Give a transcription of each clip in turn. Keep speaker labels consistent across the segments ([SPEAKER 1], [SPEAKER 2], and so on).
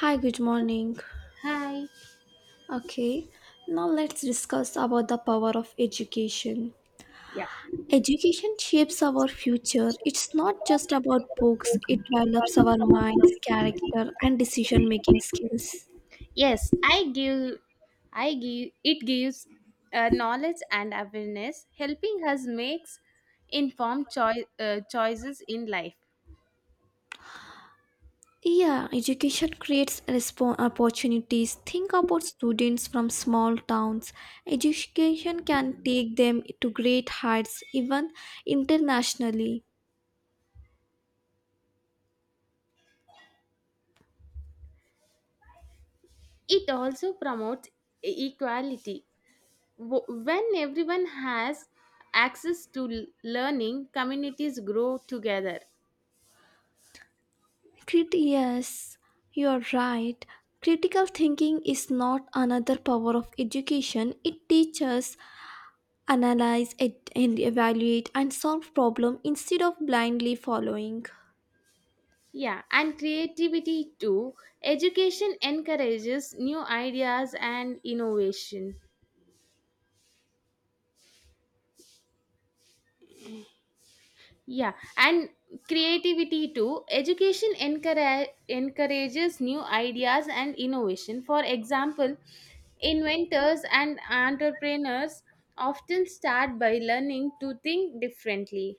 [SPEAKER 1] Hi, good morning.
[SPEAKER 2] Hi.
[SPEAKER 1] Okay, now let's discuss about the power of education.
[SPEAKER 2] Yeah,
[SPEAKER 1] Education shapes our future. It's not just about books, it develops our minds, character, and decision making skills.
[SPEAKER 2] yes I give it gives knowledge and awareness helping us makes choices in life.
[SPEAKER 1] Yeah, education creates opportunities. Think about students from small towns. Education can take them to great heights, even internationally.
[SPEAKER 2] It also promotes equality. When everyone has access to learning, communities grow together.
[SPEAKER 1] Yes, you're right. Critical thinking is not another power of education. It teaches, analyze, it, and evaluate and solve problem instead of blindly following.
[SPEAKER 2] Yeah, and creativity too. Education encourages new ideas and innovation. Yeah, and creativity too. Education encourages new ideas and innovation. For example, inventors and entrepreneurs often start by learning to think differently.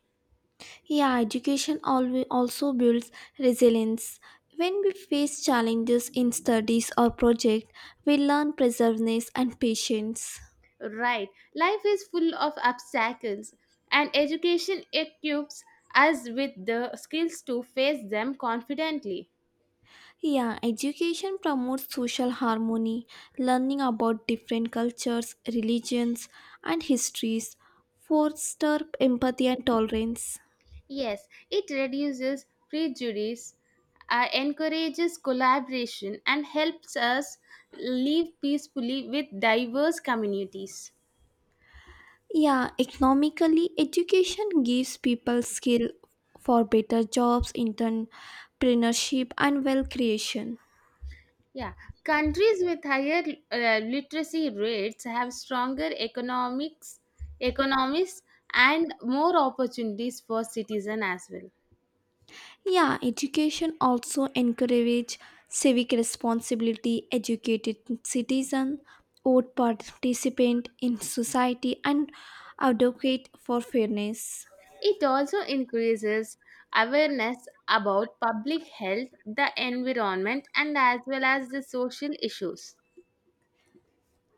[SPEAKER 1] Yeah, education always also builds resilience. When we face challenges in studies or project, we learn perseverance and patience.
[SPEAKER 2] Right, life is full of obstacles, and education equips us with the skills to face them confidently.
[SPEAKER 1] Yeah, education promotes social harmony, learning about different cultures, religions, and histories, foster empathy and tolerance.
[SPEAKER 2] Yes, it reduces prejudice, encourages collaboration, and helps us live peacefully with diverse communities.
[SPEAKER 1] Yeah, economically, education gives people skill for better jobs, entrepreneurship, and wealth creation.
[SPEAKER 2] Yeah, countries with higher literacy rates have stronger economies, and more opportunities for citizens as well.
[SPEAKER 1] Yeah, education also encourage civic responsibility, educated citizen, would participant in society and advocate for fairness.
[SPEAKER 2] It also increases awareness about public health, the environment, and as well as the social issues.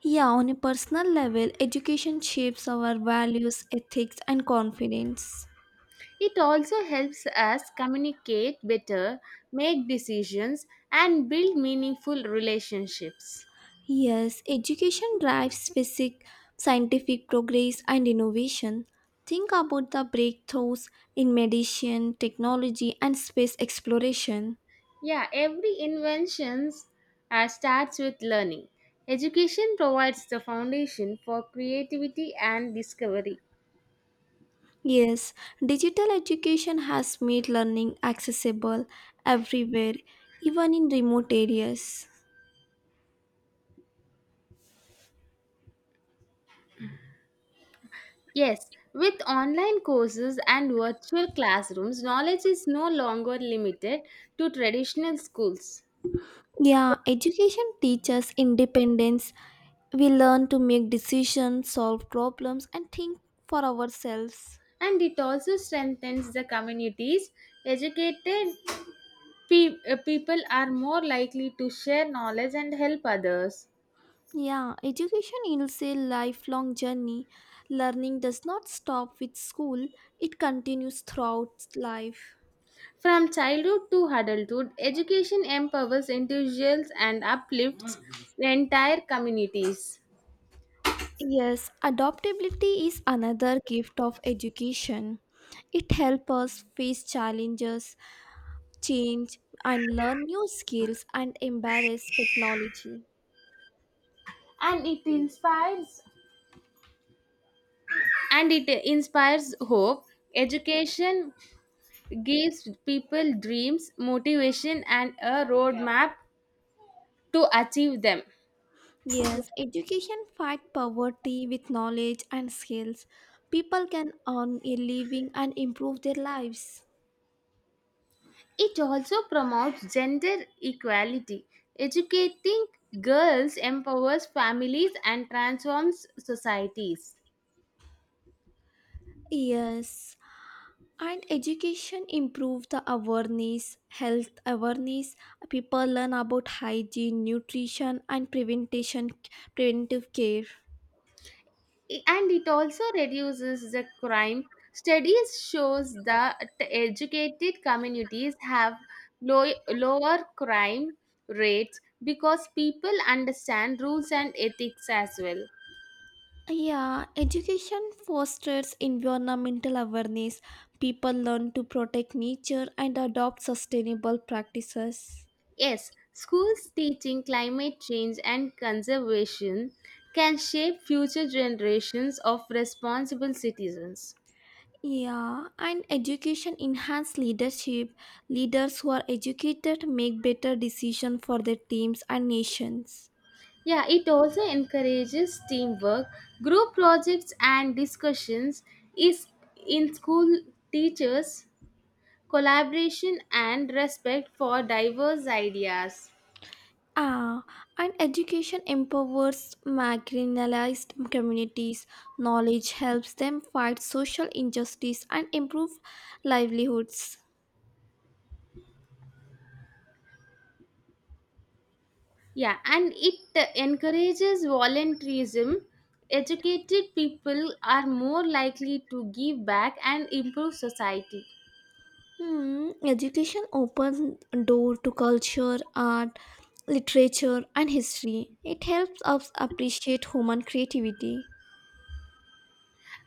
[SPEAKER 1] Yeah, on a personal level, education shapes our values, ethics and confidence.
[SPEAKER 2] It also helps us communicate better, make decisions, and build meaningful relationships.
[SPEAKER 1] Yes, education drives basic scientific progress and innovation. Think about the breakthroughs in medicine, technology and space exploration.
[SPEAKER 2] Yeah, every invention starts with learning. Education provides the foundation for creativity and discovery.
[SPEAKER 1] Yes, digital education has made learning accessible everywhere, even in remote areas.
[SPEAKER 2] Yes, with online courses and virtual classrooms, knowledge is no longer limited to traditional schools.
[SPEAKER 1] Yeah, education teaches independence. We learn to make decisions, solve problems, and think for ourselves.
[SPEAKER 2] And it also strengthens the communities. Educated people are more likely to share knowledge and help others.
[SPEAKER 1] Yeah, education is a lifelong journey. Learning does not stop with school, it continues throughout life.
[SPEAKER 2] From childhood to adulthood, education empowers individuals and uplifts entire communities.
[SPEAKER 1] Yes, adaptability is another gift of education. It helps us face challenges, change, and learn new skills and embrace technology.
[SPEAKER 2] And it inspires and it inspires hope. Education gives people dreams, motivation, and a roadmap to achieve them.
[SPEAKER 1] Yes, education fight poverty with knowledge and skills. People can earn a living and improve their lives.
[SPEAKER 2] It also promotes gender equality. Educating girls empowers families and transforms societies.
[SPEAKER 1] Yes, and education improve the awareness health awareness people learn about hygiene nutrition and prevention preventive care.
[SPEAKER 2] And it also reduces the crime. Studies shows that educated communities have low, lower crime rates because people understand rules and ethics as well.
[SPEAKER 1] Yeah, education fosters environmental awareness people learn to protect nature and adopt sustainable practices.
[SPEAKER 2] Yes, schools teaching climate change and conservation can shape future generations of responsible citizens.
[SPEAKER 1] Yeah, and education enhance leadership leaders who are educated make better decisions for their teams and nations.
[SPEAKER 2] Yeah, it also encourages teamwork. Group projects and discussions is in school teachers collaboration and respect for diverse ideas.
[SPEAKER 1] Ah, and education empowers marginalized communities. Knowledge helps them fight social injustice and improve livelihoods.
[SPEAKER 2] Yeah, and it encourages volunteerism. Educated people are more likely to give back and improve society.
[SPEAKER 1] Hmm, education opens door to culture, art, literature, and history. It helps us appreciate human creativity.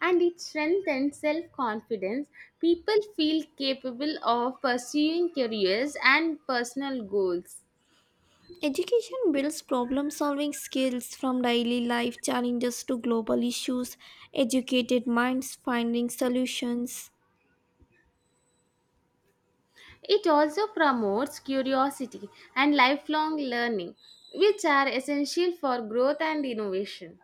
[SPEAKER 2] And it strengthens self confidence. People feel capable of pursuing careers and personal goals.
[SPEAKER 1] Education builds problem solving skills from daily life challenges to global issues, educated minds finding solutions.
[SPEAKER 2] It also promotes curiosity and lifelong learning, which are essential for growth and innovation.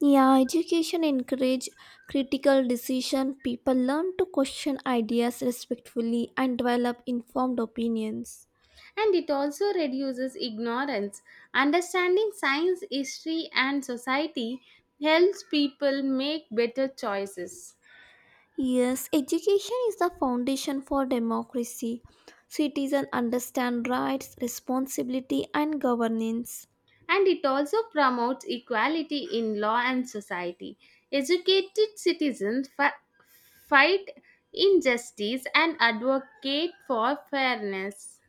[SPEAKER 1] Yeah, education encourage critical decision. People learn to question ideas respectfully and develop informed opinions.
[SPEAKER 2] And it also reduces ignorance. Understanding science, history, and society helps people make better choices.
[SPEAKER 1] Yes, education is the foundation for democracy. Citizens understand rights, responsibility and governance.
[SPEAKER 2] And it also promotes equality in law and society. Educated citizens fight injustice and advocate for fairness.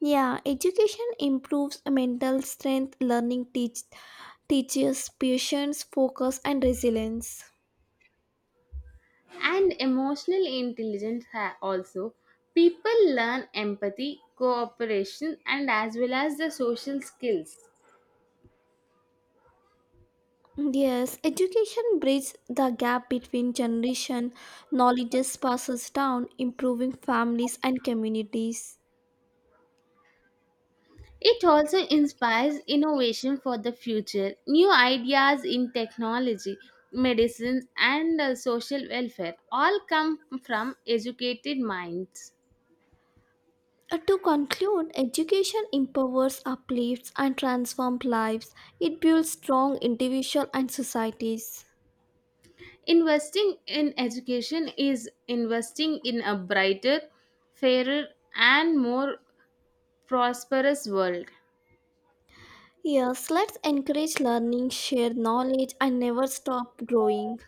[SPEAKER 1] Yeah, education improves mental strength, learning teaches patience, focus, and resilience.
[SPEAKER 2] And emotional intelligence also. People learn empathy, cooperation, and as well as the social skills.
[SPEAKER 1] Yes, education bridges the gap between generation. Knowledge passes down, improving families and communities.
[SPEAKER 2] It also inspires innovation for the future. New ideas in technology, medicine, and social welfare all come from educated minds.
[SPEAKER 1] To conclude, education empowers, uplifts, and transforms lives. It builds strong individual and societies.
[SPEAKER 2] Investing in education is investing in a brighter, fairer, and more prosperous world.
[SPEAKER 1] Yes, let's encourage learning, share knowledge, and never stop growing.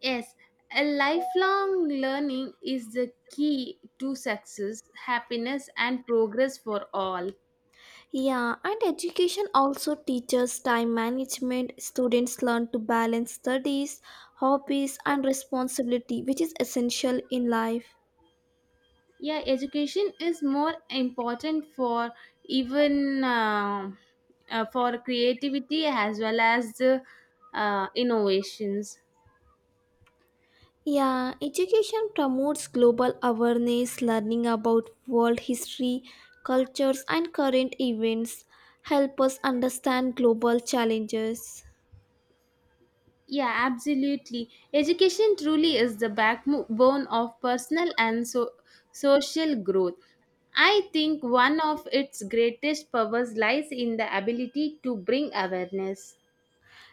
[SPEAKER 2] Yes, a lifelong learning is the key to success, happiness, and progress for all.
[SPEAKER 1] Yeah, and education also teaches time management. Students learn to balance studies, hobbies, and responsibility, which is essential in life.
[SPEAKER 2] Yeah, education is more important for even for creativity as well as the innovations.
[SPEAKER 1] Yeah, education promotes global awareness, learning about world history, cultures, and current events, help us understand global challenges.
[SPEAKER 2] Yeah, absolutely, education truly is the backbone of personal and so social growth. I think one of its greatest powers lies in the ability to bring awareness.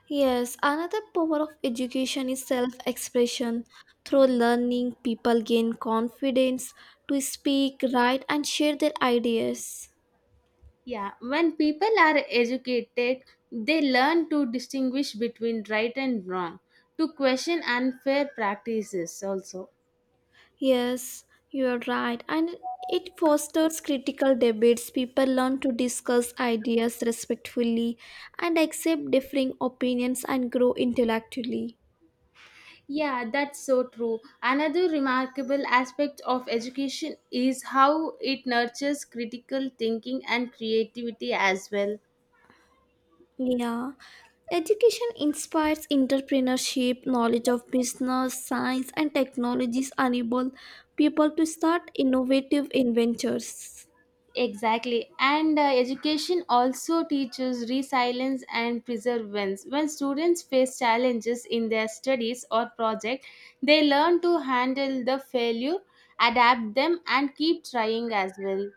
[SPEAKER 1] Yes, another power of education is self expression. Through learning, people gain confidence to speak, write, and share their ideas.
[SPEAKER 2] Yeah, when people are educated, they learn to distinguish between right and wrong, to question unfair practices also.
[SPEAKER 1] Yes, you are right. And it fosters critical debates. People learn to discuss ideas respectfully and accept differing opinions and grow intellectually.
[SPEAKER 2] Yeah, that's so true. Another remarkable aspect of education is how it nurtures critical thinking and creativity as well.
[SPEAKER 1] Yeah, education inspires entrepreneurship, knowledge of business, science, and technologies enable people to start innovative ventures.
[SPEAKER 2] Exactly. And education also teaches resilience and perseverance. When students face challenges in their studies or project, they learn to handle the failure, adapt them and keep trying as well.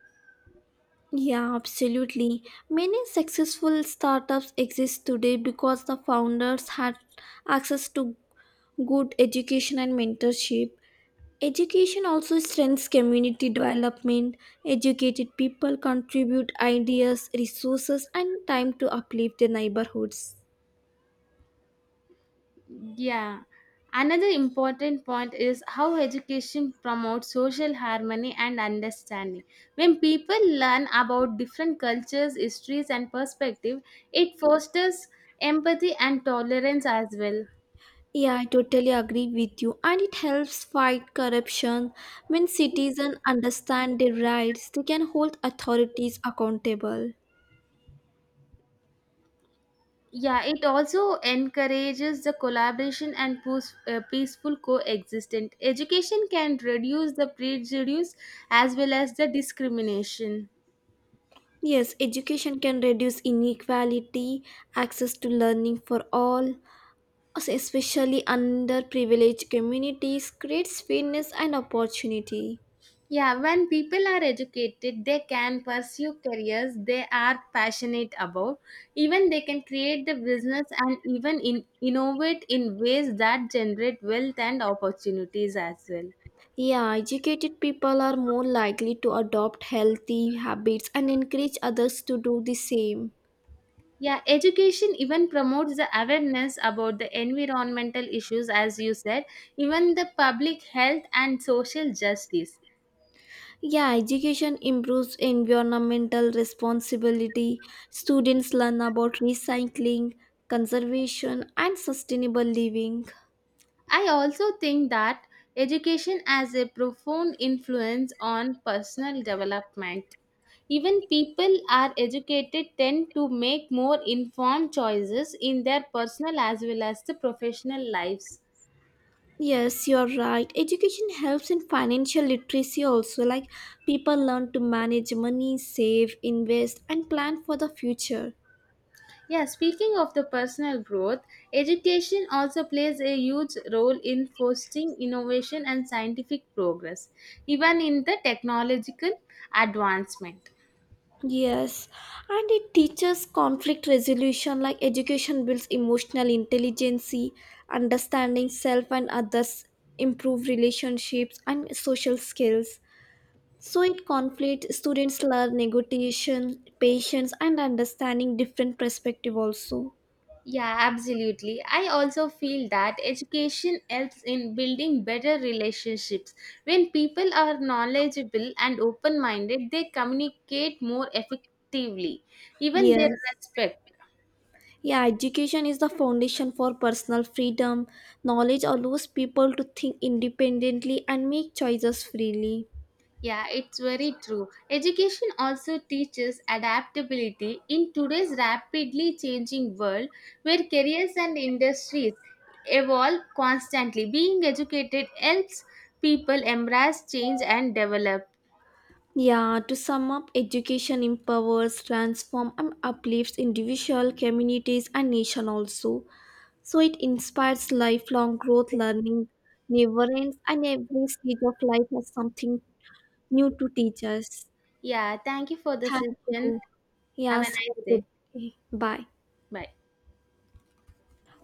[SPEAKER 1] Yeah, absolutely. Many successful startups exist today because the founders had access to good education and mentorship. Education also strengthens community development. Educated people contribute ideas, resources, and time to uplift their neighborhoods.
[SPEAKER 2] Yeah. Another important point is how education promotes social harmony and understanding. When people learn about different cultures, histories and perspectives, it fosters empathy and tolerance as well.
[SPEAKER 1] Yeah, I totally agree with you. And it helps fight corruption. When citizens understand their rights, they can hold authorities accountable.
[SPEAKER 2] Yeah, it also encourages the collaboration and peaceful coexistence. Education can reduce the prejudice as well as the discrimination.
[SPEAKER 1] Yes, education can reduce inequality, access to learning for all, also especially underprivileged communities, creates fairness and opportunity.
[SPEAKER 2] Yeah, when people are educated, they can pursue careers they are passionate about. Even they can create the business and innovate in ways that generate wealth and opportunities as well.
[SPEAKER 1] Yeah, educated people are more likely to adopt healthy habits and encourage others to do the same.
[SPEAKER 2] Yeah, education even promotes the awareness about the environmental issues, as you said, even the public health and social justice.
[SPEAKER 1] Yeah, education improves environmental responsibility. Students learn about recycling, conservation, and sustainable living.
[SPEAKER 2] I also think that education has a profound influence on personal development. Even people are educated tend to make more informed choices in their personal as well as the professional lives.
[SPEAKER 1] Yes, you're right. Education helps in financial literacy also. Like people learn to manage money, save, invest, and plan for the future.
[SPEAKER 2] Yeah, speaking of the personal growth, education also plays a huge role in fostering innovation and scientific progress, even in the technological advancement.
[SPEAKER 1] Yes, and it teaches conflict resolution like education builds emotional intelligence, understanding self and others, improve relationships and social skills. So in conflict students learn negotiation, patience and understanding different perspective also.
[SPEAKER 2] Yeah, absolutely. I also feel that education helps in building better relationships. When people are knowledgeable and open minded, they communicate more effectively. Even their
[SPEAKER 1] Yes.
[SPEAKER 2] respect.
[SPEAKER 1] Yeah, education is the foundation for personal freedom. Knowledge allows people to think independently and make choices freely.
[SPEAKER 2] Yeah, it's very true. Education also teaches adaptability in today's rapidly changing world where careers and industries evolve constantly. Being educated helps people embrace change and develop.
[SPEAKER 1] Yeah, to sum up, education empowers, transforms, and uplifts individual communities and nation also. So it inspires lifelong growth, learning never ends, and every stage of life has something new to teach us.
[SPEAKER 2] Yeah, thank you for the
[SPEAKER 1] Thank
[SPEAKER 2] session.
[SPEAKER 1] you.
[SPEAKER 2] Have a
[SPEAKER 1] Yes, have
[SPEAKER 2] nice
[SPEAKER 1] a good
[SPEAKER 2] day.
[SPEAKER 1] day. Bye.
[SPEAKER 2] Bye.